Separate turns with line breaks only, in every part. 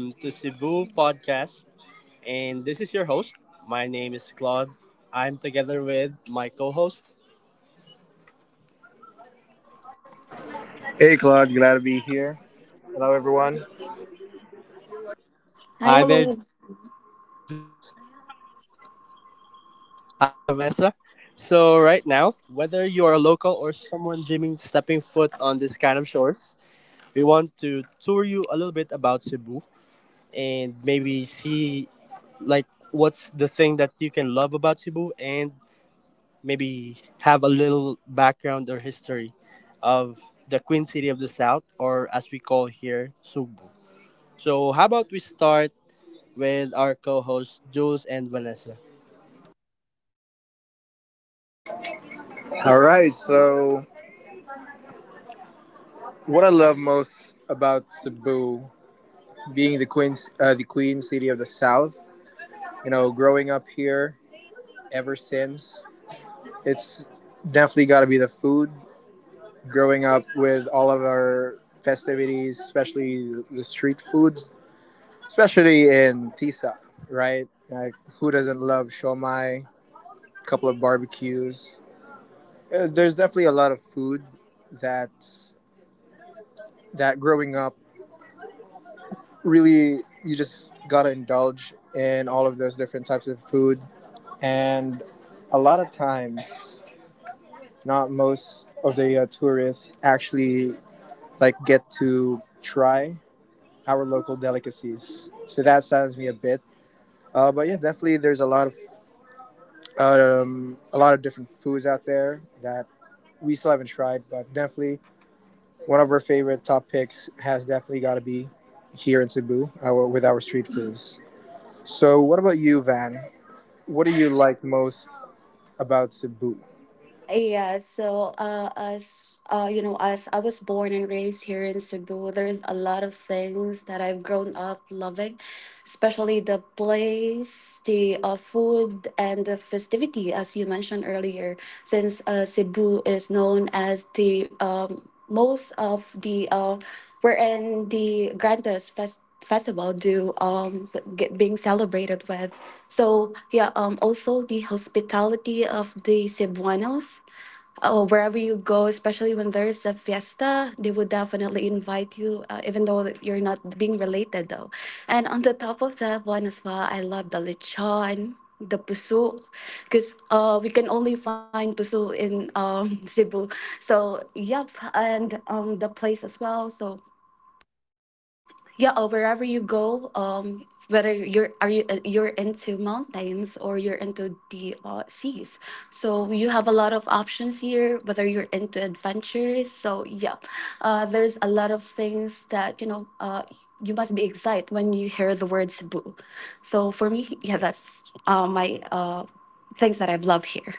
Welcome to Cebu Podcast, and this is your host. My name is Claude. I'm together with my co host.
Hey, Claude. Glad to be here. Hello, everyone.
Hi,
Hi there,
hello.
Jules. Hi, Vanessa. So, right now, whether you are a local or someone dreaming stepping foot on this kind of shores, we want to tour you a little bit about Cebu and maybe see like what's the thing that you can love about Cebu and maybe have a little background or history of the Queen City of the South, or as we call here, Cebu. So, how about we start with our co hosts, Jules and Vanessa?
All right. So, what I love most about Cebu, being the queen city of the South, you know, growing up here ever since, it's definitely got to be the food. Growing up with all of our festivities, especially the street foods, especially in Tisa, right? Like, who doesn't love shomai? A couple of barbecues. There's definitely a lot of food that that growing up, really, you just gotta indulge in all of those different types of food. And a lot of times, not most of the tourists actually like get to try our local delicacies. So that saddens me a bit. But yeah, definitely, there's a lot of different foods out there that we still haven't tried, but definitely one of our favorite top picks has definitely got to be here in Cebu our, with our street foods. So, what about you, Van? What do you like most about Cebu?
Yeah, as as I was born and raised here in Cebu, there's a lot of things that I've grown up loving, especially the place, the food, and the festivity, as you mentioned earlier. Since Cebu is known as the most of the wherein the grandest festival do get being celebrated with. So yeah, also the hospitality of the Cebuanos. Oh, wherever you go, especially when there's a fiesta, they would definitely invite you, even though that you're not being related, though. And on the top of that one as well, I love the lechon, the puso, because we can only find puso in Cebu. So, yep, and the place as well. So, yeah, or wherever you go, whether you're are you you're into mountains or you're into the seas, so you have a lot of options here. Whether you're into adventures, so yeah, there's a lot of things that you know. You must be excited when you hear the word Cebu. So for me, yeah, that's my things that I've loved here.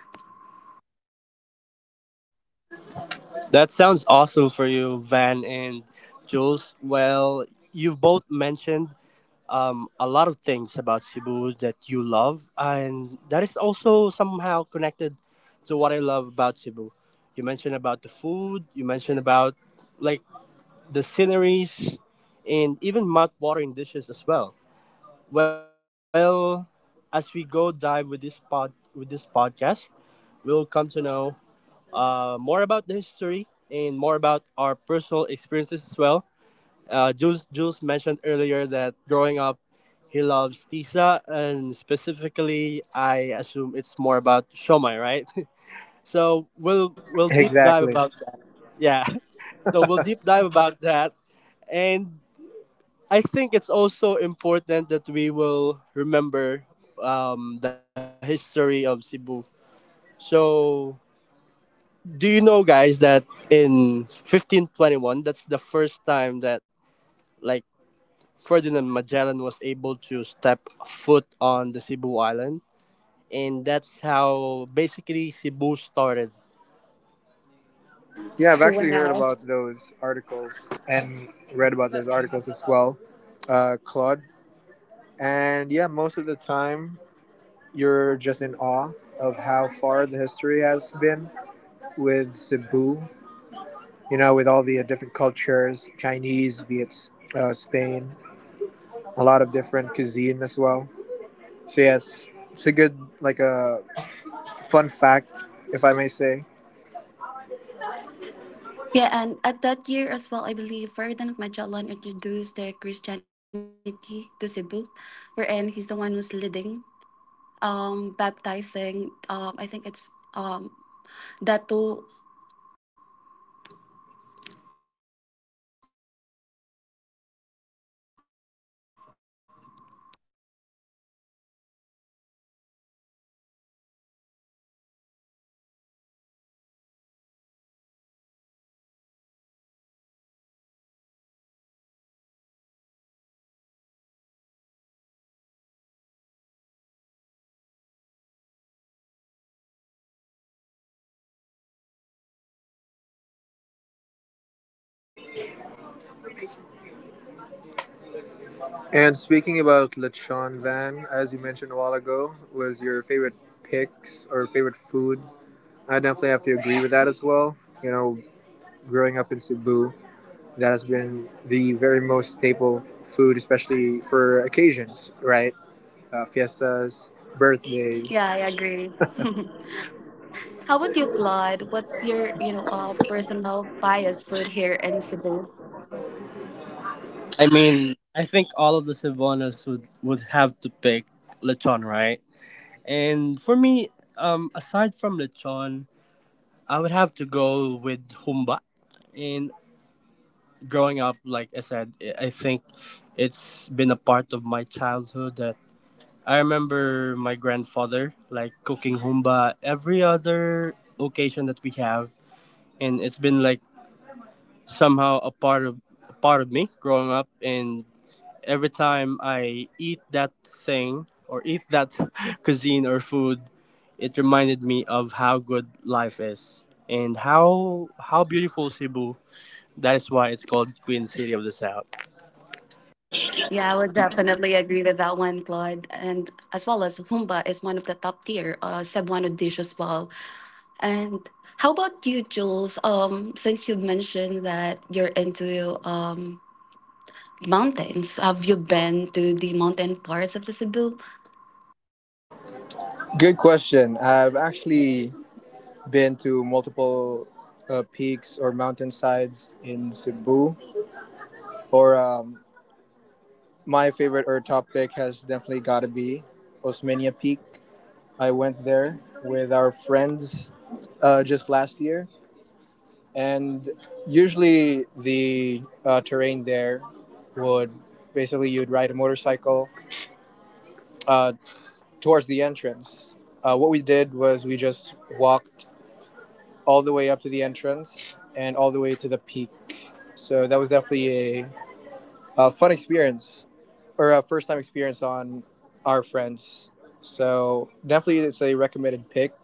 That sounds awesome for you, Van and Jules. Well, you've both mentioned a lot of things about Cebu that you love, and that is also somehow connected to what I love about Cebu. You mentioned about the food, you mentioned about like the sceneries, and even mouth-watering dishes as well. Well, as we go dive with this podcast, we'll come to know more about the history and more about our personal experiences as well. Jules mentioned earlier that growing up, he loves tisa, and specifically, I assume it's more about shomai, right? So we'll deep dive
Exactly.
about that. Yeah. So we'll deep dive about that. And I think it's also important that we will remember the history of Cebu. So, do you know, guys, that in 1521, that's the first time that like Ferdinand Magellan was able to step foot on the Cebu island, and that's how basically Cebu started.
Yeah, I've actually heard
Wow.
about those articles and read about those articles as well, Claude. And yeah, most of the time you're just in awe of how far the history has been with Cebu, you know, with all the different cultures Chinese, be it Spain, a lot of different cuisine as well. So, yeah, it's a good, like a fun fact, if I may say.
Yeah, and at that year as well, I believe Ferdinand of Magellan introduced the Christianity to Cebu, wherein he's the one who's leading, baptizing. I think it's um Dato, and yeah, I think that's the the start wherein the Christianity was introduced here in Cebu at 1951 with Ferdinand Magellan.
And speaking about Lechon Van, as you mentioned a while ago, was your favorite picks or favorite food. I definitely have to agree with that as well. You know, growing up in Cebu, that has been the very most staple food, especially for occasions, right? Fiestas, birthdays.
Yeah, I agree. How about you, Claude? What's your personal bias food here in Cebu?
I mean, I think all of the Cebuanos would have to pick lechon, right? And for me, aside from lechon, I would have to go with Humba. And growing up, like I said, I think it's been a part of my childhood that I remember my grandfather like cooking Humba every other occasion that we have, and it's been like somehow a part of me growing up, and every time I eat that thing or eat that cuisine or food, it reminded me of how good life is and how beautiful Cebu. That is why it's called Queen City of the South.
Yeah, I would definitely agree with that one, Claude. And as well as humba is one of the top tier Cebuano dish as well. And how about you, Jules? Since you've mentioned that you're into mountains, have you been to the mountain parts of the Cebu?
Good question. I've actually been to multiple peaks or mountainsides in Cebu, or my favorite Earth topic has definitely got to be Osmania Peak. I went there with our friends just last year, and usually the terrain there would basically you'd ride a motorcycle uh, towards the entrance. What we did was we just walked all the way up to the entrance and all the way to the peak. So that was definitely a fun experience or a first time experience on our friends. So definitely, it's a recommended pick.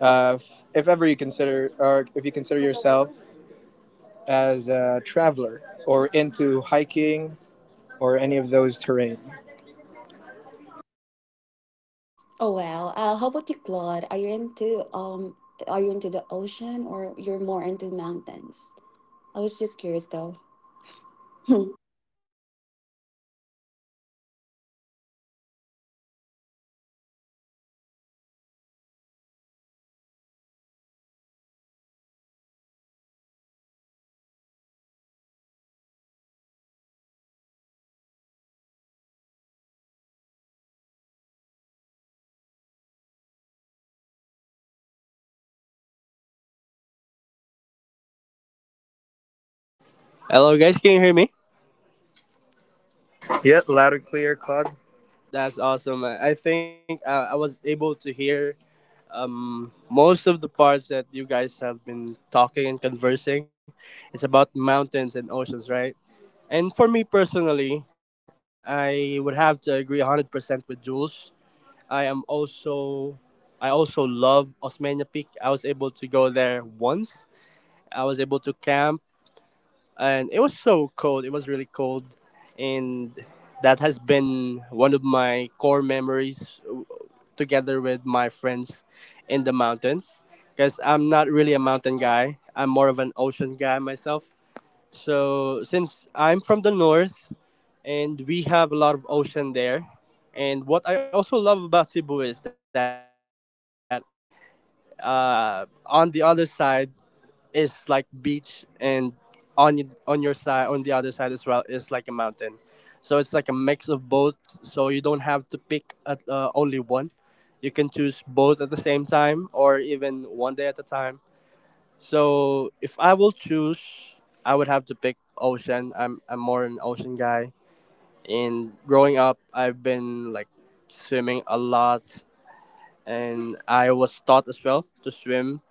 If ever you consider, or if you consider yourself as a traveler or into hiking or any of those terrain.
Oh wow. How about you, Claude? Are you into the ocean or you're more into mountains? I was just curious though.
Hello, guys. Can you hear me?
Yeah, loud and clear, Claude.
That's awesome. I think I was able to hear most of the parts that you guys have been talking and conversing. It's about mountains and oceans, right? And for me personally, I would have to agree 100% with Jules. I am also I also love Osmania Peak. I was able to go there once. I was able to camp and it was so cold. It was really cold and that has been one of my core memories together with my friends in the mountains because I'm not really a mountain guy. I'm more of an ocean guy myself. So since I'm from the north and we have a lot of ocean there, and what I also love about Cebu is that on the other side is like beach, and on your side, on the other side as well, is like a mountain. So it's like a mix of both. So you don't have to pick at only one. You can choose both at the same time, or even one day at a time. So if I will choose, I would have to pick ocean. I'm more an ocean guy. And growing up, I've been like swimming a lot, and I was taught as well to swim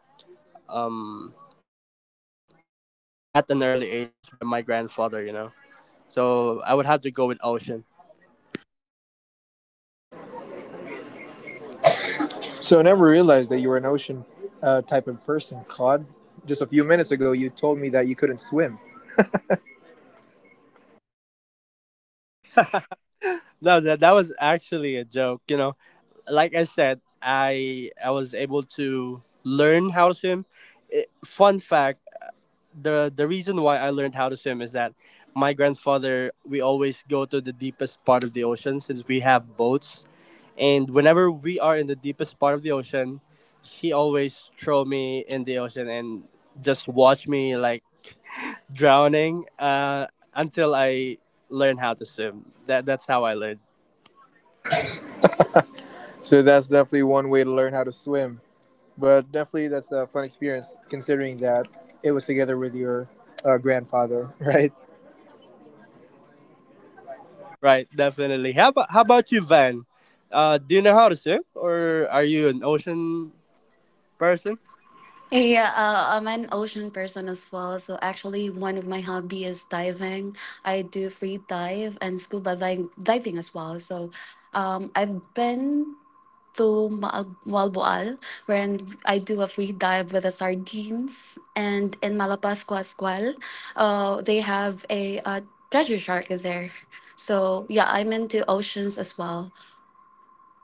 at an early age by my grandfather. So I would have to go with ocean.
So I never realized that you were an ocean type of person, Claude. Just a few minutes ago, you told me that you couldn't swim.
No, that was actually a joke. Like I said, I was able to learn how to swim. Fun fact: the reason why I learned how to swim is that my grandfather, we always go to the deepest part of the ocean since we have boats, and whenever we are in the deepest part of the ocean, he always throw me in the ocean and just watch me like drowning, until I learn how to swim. That's how I learned.
So that's definitely one way to learn how to swim. But definitely, that's a fun experience
Exactly,
considering that it was together with your grandfather, right?
right? Definitely. How about you, Van? Do you know how to swim, or are you an ocean person?
Yeah, I'm an ocean person as well. So actually, one of my hobby is diving. I do free dive and diving as well. So, I've been to Malboal, where I do a free dive with the sardines, and in Malapascua as well, they have a, treasure shark there. So yeah, I'm into oceans as well.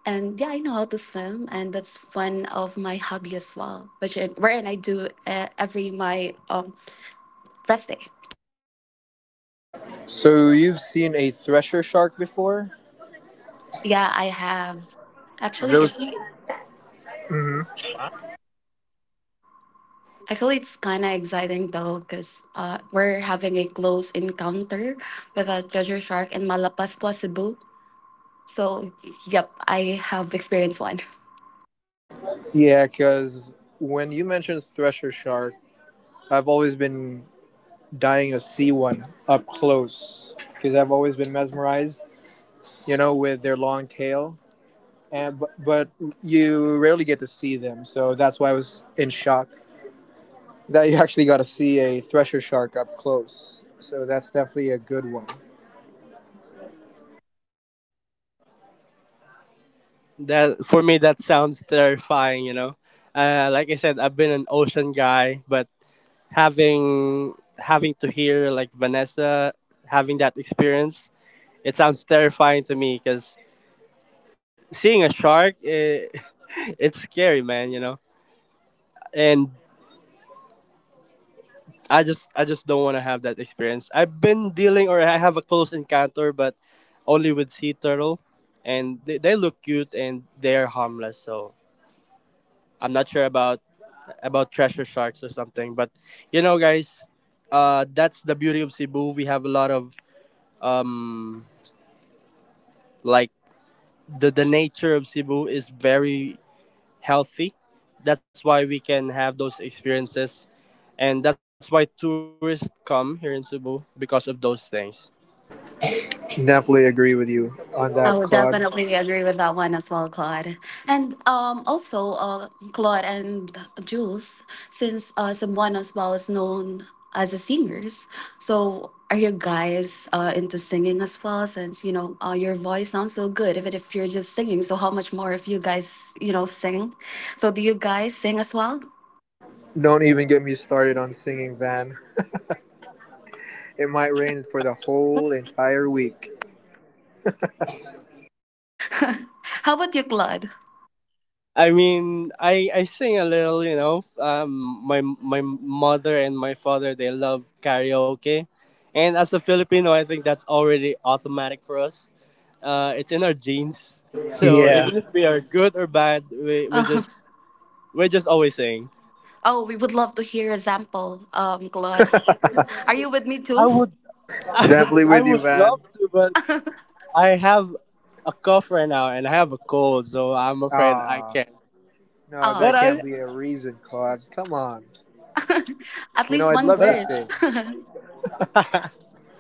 And yeah, I know how to swim, and that's one of my hobby as well, wherein I do every my rest day.
So you've seen a thresher shark before?
Yeah, I have. Actually,
Those,
it's actually, it's kind of exciting though, cause we're having a close encounter with a treasure shark in Malapascua, Cebu. So, yep, I have experienced one.
yeah, because when you mentioned thresher shark, I've always been dying to see one up close because I've always been mesmerized, you know, with their long tail. And but you rarely get to see them, so that's why I was in shock that you actually got to see a thresher shark up close. So that's definitely a good one.
That, for me, that sounds terrifying. Like I said, I've been an ocean guy, but having having to hear like Vanessa having that experience, it sounds terrifying to me because seeing a shark, it, it's scary, man. And I just don't want to have that experience. I've been dealing or I have a close encounter, but only with sea turtle, and they look cute and they are harmless. So I'm not sure about treasure sharks or something. But guys, that's the beauty of Cebu. We have a lot of um, like the nature of Cebu is very healthy. That's why we can have those experiences, and that's why tourists come here in Cebu because of those things.
Definitely agree with you on
I
that,
would
Claude.
definitely agree with that one as well, Claude. And also, Claude and Jules, since someone as well is known as a singers, so are you guys into singing as well? Since your voice sounds so good, even if you're just singing, so how much more if you guys sing? So do you guys sing as well?
Don't even get me started on singing Van. It might rain for the whole entire week.
how about you, Claude?
I mean, I sing a little. My mother and my father, they love karaoke, and as a Filipino, I think that's already automatic for us. It's in our genes. So
Yeah.
even if we are good or bad, we we
Uh,
just we're just always saying.
oh, we would love to hear a sample, Claude. Are you with me,
I
too?
would I,
Definitely
I
with you,
would
Van.
love to, but I have a cough right now and I have a cold, so I'm afraid I
Ah,
can't.
no,
But
that
Ah.
can't
I
be a reason, Claude. Come on.
At
You know,
least
I'd
one
but
love
I,
to
verse.
sing.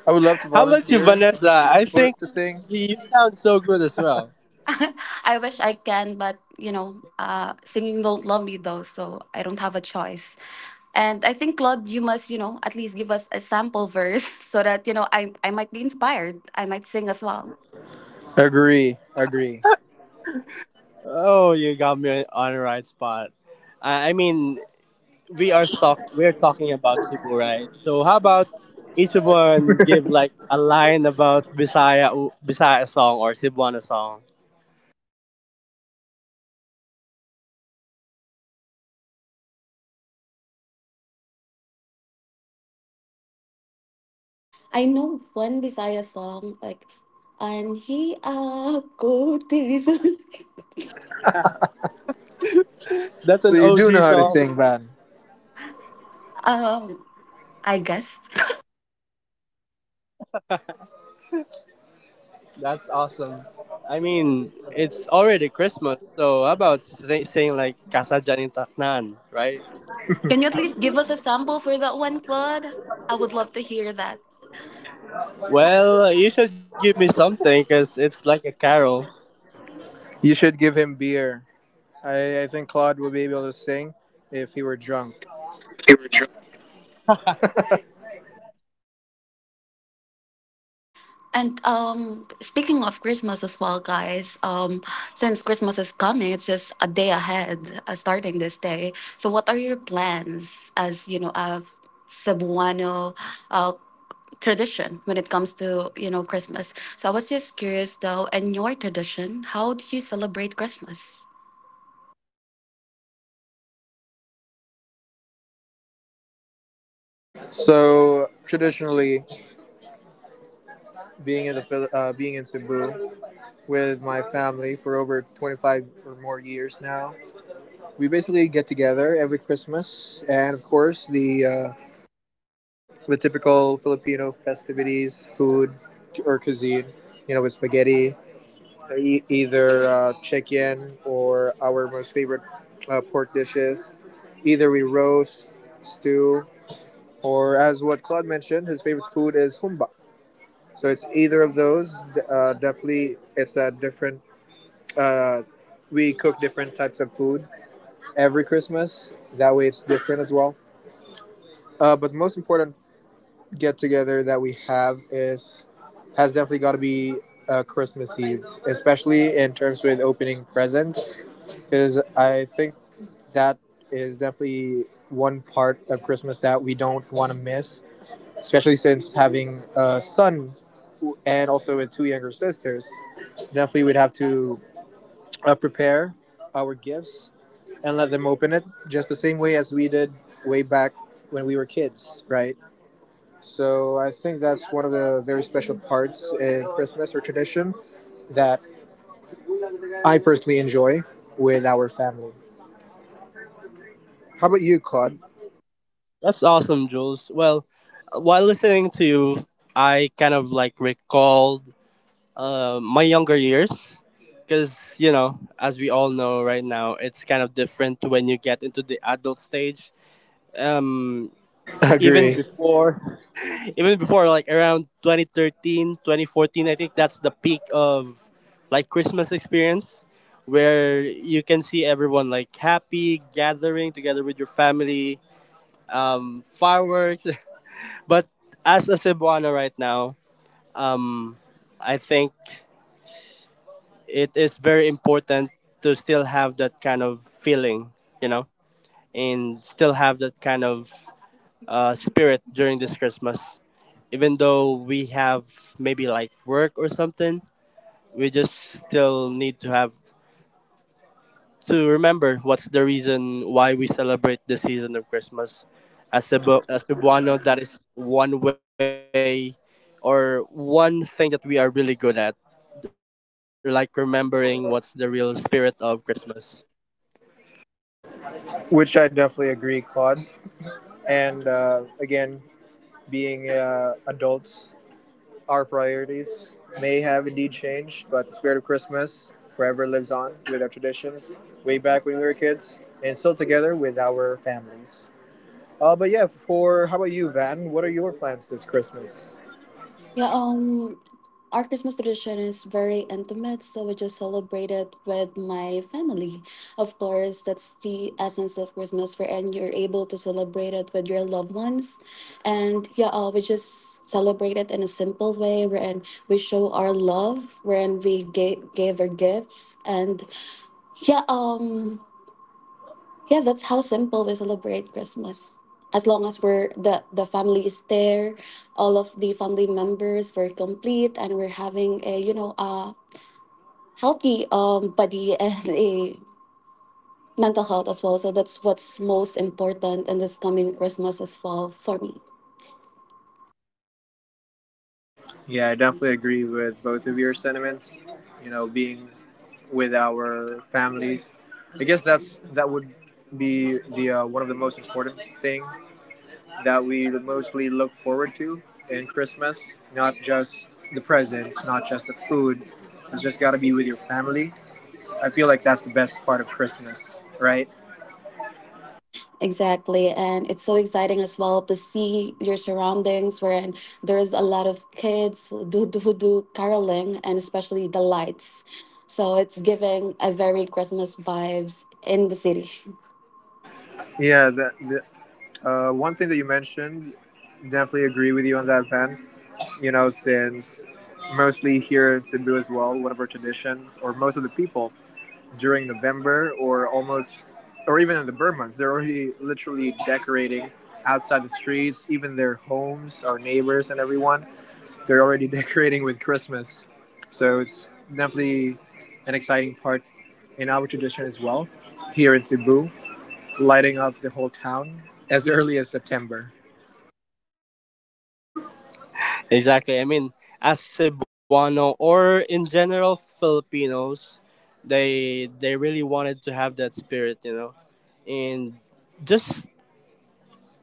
I would love to
how about you,
volunteer
Vanessa? I
for
think
to sing.
you sound so good as well.
I wish I can, but singing don't love me though, so I don't have a choice. And I think Claude, you must, you know, at least give us a sample verse so that you know I might be inspired. I might sing as well.
Agree, agree.
Oh, you got me on the right spot. I mean, we're talking about Cebu, right? So how about each one give like a line about Bisaya song or Cebuana song?
I know one Bisaya song like, "Anhi ako tirisol."
That's
So
an
you do
OG
know how to
song.
sing, Van.
Um, I guess.
That's awesome. I mean, it's already Christmas, so how about saying like Casa Janin Taknan, right?
Can you at least give us a sample for that one, Claude? I would love to hear that.
Well, you should give me something because it's like a carol.
You should give him beer. I think Claude would be able to sing if he were drunk.
And speaking of Christmas as well, guys, since Christmas is coming, it's just a day ahead, starting this day. So, what are your plans as a Cebuano uh, tradition when it comes to Christmas? So, I was just curious though, in your tradition, how do you celebrate Christmas?
So traditionally, being in the being in Cebu with my family for over 25 or more years now. We basically get together every Christmas, and of course the typical Filipino festivities, food or cuisine. You know, with spaghetti, either chicken or our most favorite pork dishes. Either we roast, stew, or as what Claude mentioned, his favorite food is humba. So it's either of those. Definitely, it's a different uh, we cook different types of food every Christmas. That way, it's different as well. But the most important get together that we have is has definitely got to be Christmas Eve, especially in terms with opening presents, because I think that is definitely one part of Christmas that we don't want to miss, especially since having a son and also with two younger sisters. Definitely, we'd have to prepare our gifts and let them open it just the same way as we did way back when we were kids, right? So I think that's one of the very special parts in Christmas or tradition that I personally enjoy with our family. How about you, Claude?
That's awesome, Jules. Well, while listening to you, I kind of like recalled my younger years, because as we all know, right now it's kind of different when you get into the adult stage. um
I
Even
agree.
before even before, like, around 2013, 2014, I think that's the peak of like Christmas experience, where you can see everyone like happy, gathering together with your family, fireworks. But as a Cebuano right now, um I think it is very important to still have that kind of feeling, you know, and still have that kind of spirit during this Christmas. Even though we have maybe like work or something, we just still need to have to remember what's the reason why we celebrate the season of Christmas. As Cebuano, that is one way or one thing that we are really good at, like remembering what's the real spirit of Christmas.
Which I definitely agree, Claude. And again, being adults our priorities may have indeed changed, but the spirit of Christmas forever lives on with our traditions way back when we were kids and still together with our families. But yeah, for how about you, Van? What are your plans this Christmas?
Yeah, our Christmas tradition is very intimate, so we just celebrate it with my family. Of course, that's the essence of Christmas, and you're able to celebrate it with your loved ones. And yeah, we just celebrate it in a simple way, wherein we show our love, wherein we gave our gifts, and yeah, yeah, that's how simple we celebrate Christmas. As long as we're the family is there, all of the family members were complete, and we're having a a healthy body and a mental health as well. So that's what's most important in this coming Christmas as well for me.
Yeah, I definitely agree with both of your sentiments. You know, being with our families, I guess that would be the one of the most important thing that we mostly look forward to in Christmas, not just the presents, not just the food. You just got to be with your family. I feel like that's the best part of Christmas, right?
Exactly. And it's so exciting as well to see your surroundings wherein there's a lot of kids who who do caroling and especially the lights. So it's giving a very Christmas vibes in the city.
Yeah, one thing that you mentioned, definitely agree with you on that, Van. You know, since mostly here in Cebu as well, one of our traditions, or most of the people during November or almost, or even in the burn months, they're already literally decorating outside the streets, even their homes, our neighbors, and everyone. They're already decorating with Christmas. So it's definitely an exciting part in our tradition as well here in Cebu, lighting up the whole town as early as September.
Exactly. I mean, as Cebuano or in general Filipinos, they really wanted to have that spirit, and just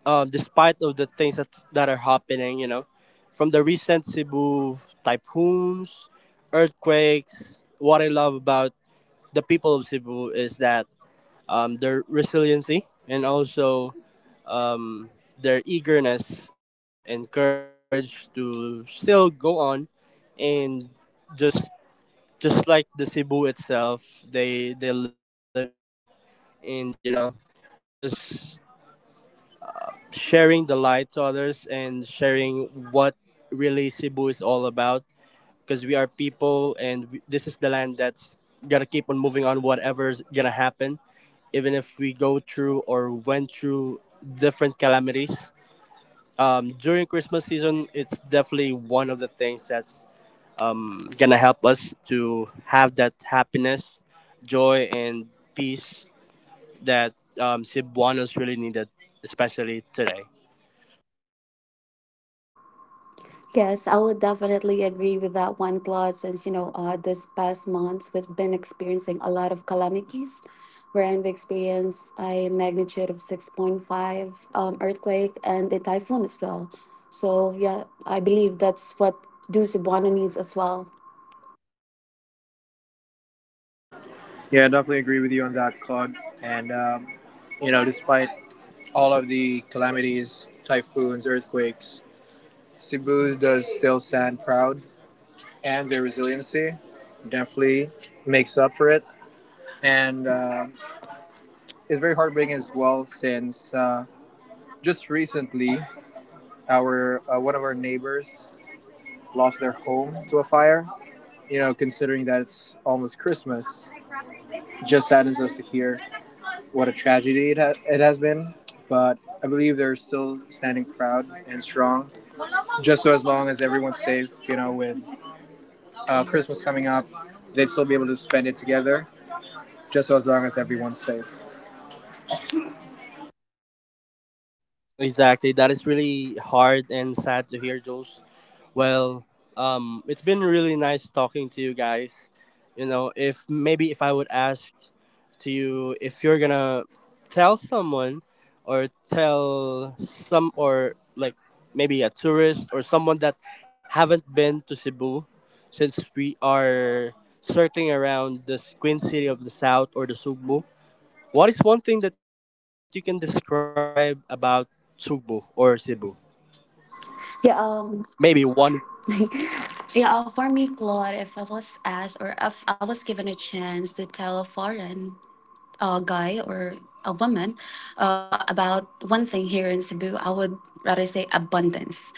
despite of the things that are happening, from the recent Cebu typhoons, earthquakes. What I love about the people of Cebu is that their resiliency and also um, their eagerness and courage to still go on and just just like the Cebu itself, they live on, and just sharing the light to others and sharing what really Cebu is all about, because we are people, and this is the land that's gonna keep on moving on whatever's gonna happen. Even if we go through or went through different calamities, during Christmas season, it's definitely one of the things that's gonna help us to have that happiness, joy, and peace that Cebuanos really needed, especially today.
Yes, I would definitely agree with that one, Claude, since, you know, this past month we've been experiencing a lot of calamities. Wherein we experienced a magnitude of 6.5 earthquake and a typhoon as well. So, yeah, I believe that's what do Cebuano needs as well.
Yeah, I definitely agree with you on that, Claude. And, you know, despite all of the calamities, typhoons, earthquakes, Cebu does still stand proud, and their resiliency definitely makes up for it. And it's very heartbreaking as well, since just recently our one of our neighbors lost their home to a fire. You know, considering that it's almost Christmas, it just saddens us to hear what a tragedy it has been. But I believe they're still standing proud and strong, just so as long as everyone's safe, you know, with Christmas coming up, they'd still be able to spend it together, just so as long as everyone's safe.
Exactly. That is really hard and sad to hear, Jules. Well, it's been really nice talking to you guys. If maybe, if I would ask to you, if you're gonna tell someone or tell some or like maybe a tourist or someone that haven't been to Cebu, since we are circling around the Queen City of the South or the Sugbu, what is one thing that you can describe about Sugbu or Cebu? Um,
Yeah,
maybe one word.
yeah, for me, Claude, if I was asked or if I was given a chance to tell a foreign a guy or a woman about one thing here in Cebu, I would rather say abundance.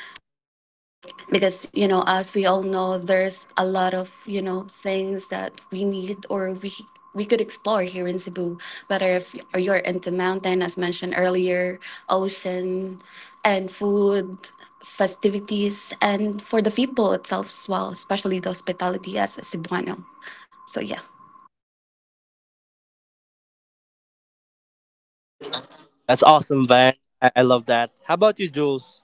Because, you know, as we all know, there's a lot of, you know, things that we need or we could explore here in Cebu, whether if you're into mountain, as mentioned earlier, ocean, and food, festivities, and for the people itself as well, especially the hospitality as a Cebuano. So, yeah.
That's awesome, Van. I love that. How about you, Jules?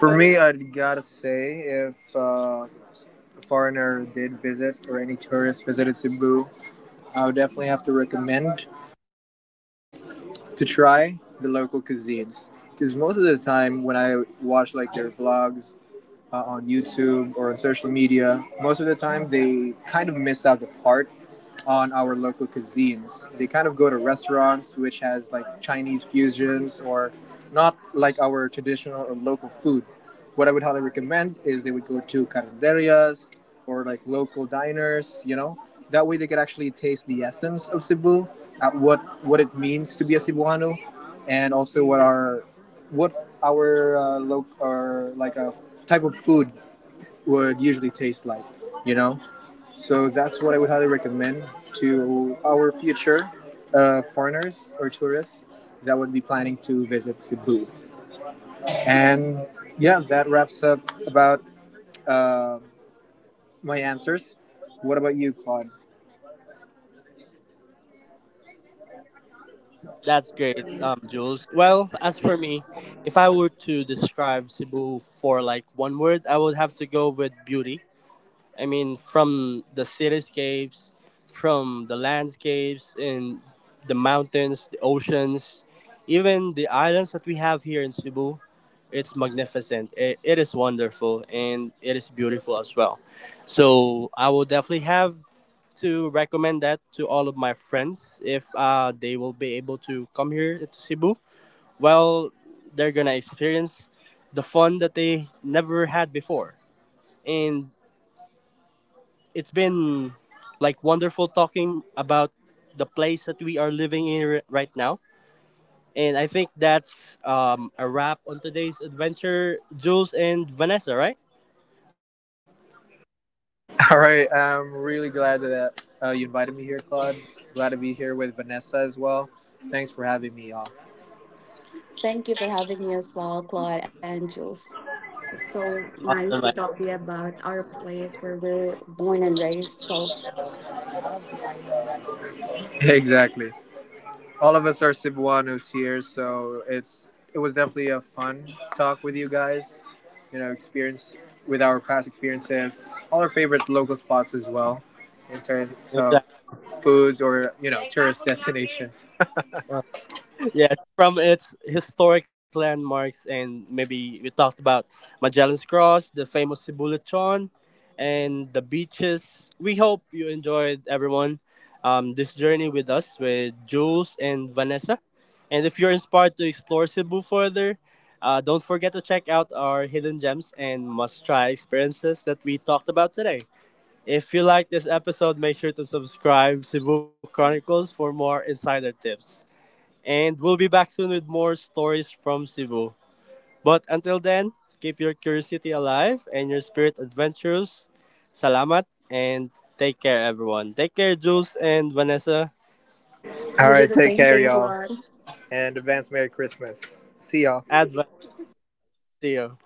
For me, I'd gotta say if a foreigner did visit or any tourist visited Cebu, I would definitely have to recommend to try the local cuisines. Because most of the time, when I watch like their vlogs on YouTube or on social media, most of the time they kind of miss out the part on our local cuisines. They kind of go to restaurants which has like Chinese fusions or not like our traditional or local food. What I would highly recommend is they would go to carinderias or like local diners, you know. That way they could actually taste the essence of Cebu, at what it means to be a Cebuano, and also what our loc or like a type of food would usually taste like, you know. So that's what I would highly recommend to our future foreigners or tourists that would be planning to visit Cebu. And yeah, that wraps up about uh, my answers. What about you, Claude?
That's great, Jules. Well, as for me, if I were to describe Cebu for like one word, I would have to go with beauty. I mean, from the cityscapes, from the landscapes and the mountains, the oceans, even the islands that we have here in Cebu, it's magnificent. It is wonderful, and it is beautiful as well. So I will definitely have to recommend that to all of my friends if they will be able to come here to Cebu. Well, they're gonna experience the fun that they never had before. And it's been like wonderful talking about the place that we are living in right now. And I think that's a wrap on today's adventure, Jules and Vanessa, right?
All right, I'm really glad that you invited me here, Claude. Glad to be here with Vanessa as well. Thanks for having me, y'all.
Thank you for having me as well, Claude and Jules. It's so
Awesome,
nice
man.
to talk to you about our place where we're born and raised. So
Exactly. All of us are Cebuanos here, so it was definitely a fun talk with you guys. You know, experience with our past experiences, all our favorite local spots as well, in terms of
Exactly.
foods or you know tourist destinations.
Yes, from its historic landmarks, and maybe we talked about Magellan's Cross, the famous Sibulachon, and the beaches. We hope you enjoyed, everyone, this journey with us, with Jules and Vanessa. And if you're inspired to explore Cebu further, don't forget to check out our hidden gems and must try experiences that we talked about today. If you like this episode, make sure to subscribe Cebu Chronicles for more insider tips. And we'll be back soon with more stories from Cebu. But until then, keep your curiosity alive and your spirit adventurous. Salamat and take care, everyone. Take care, Jules and Vanessa.
All right, take care, y'all, and advance Merry Christmas. See y'all.
Advance to you.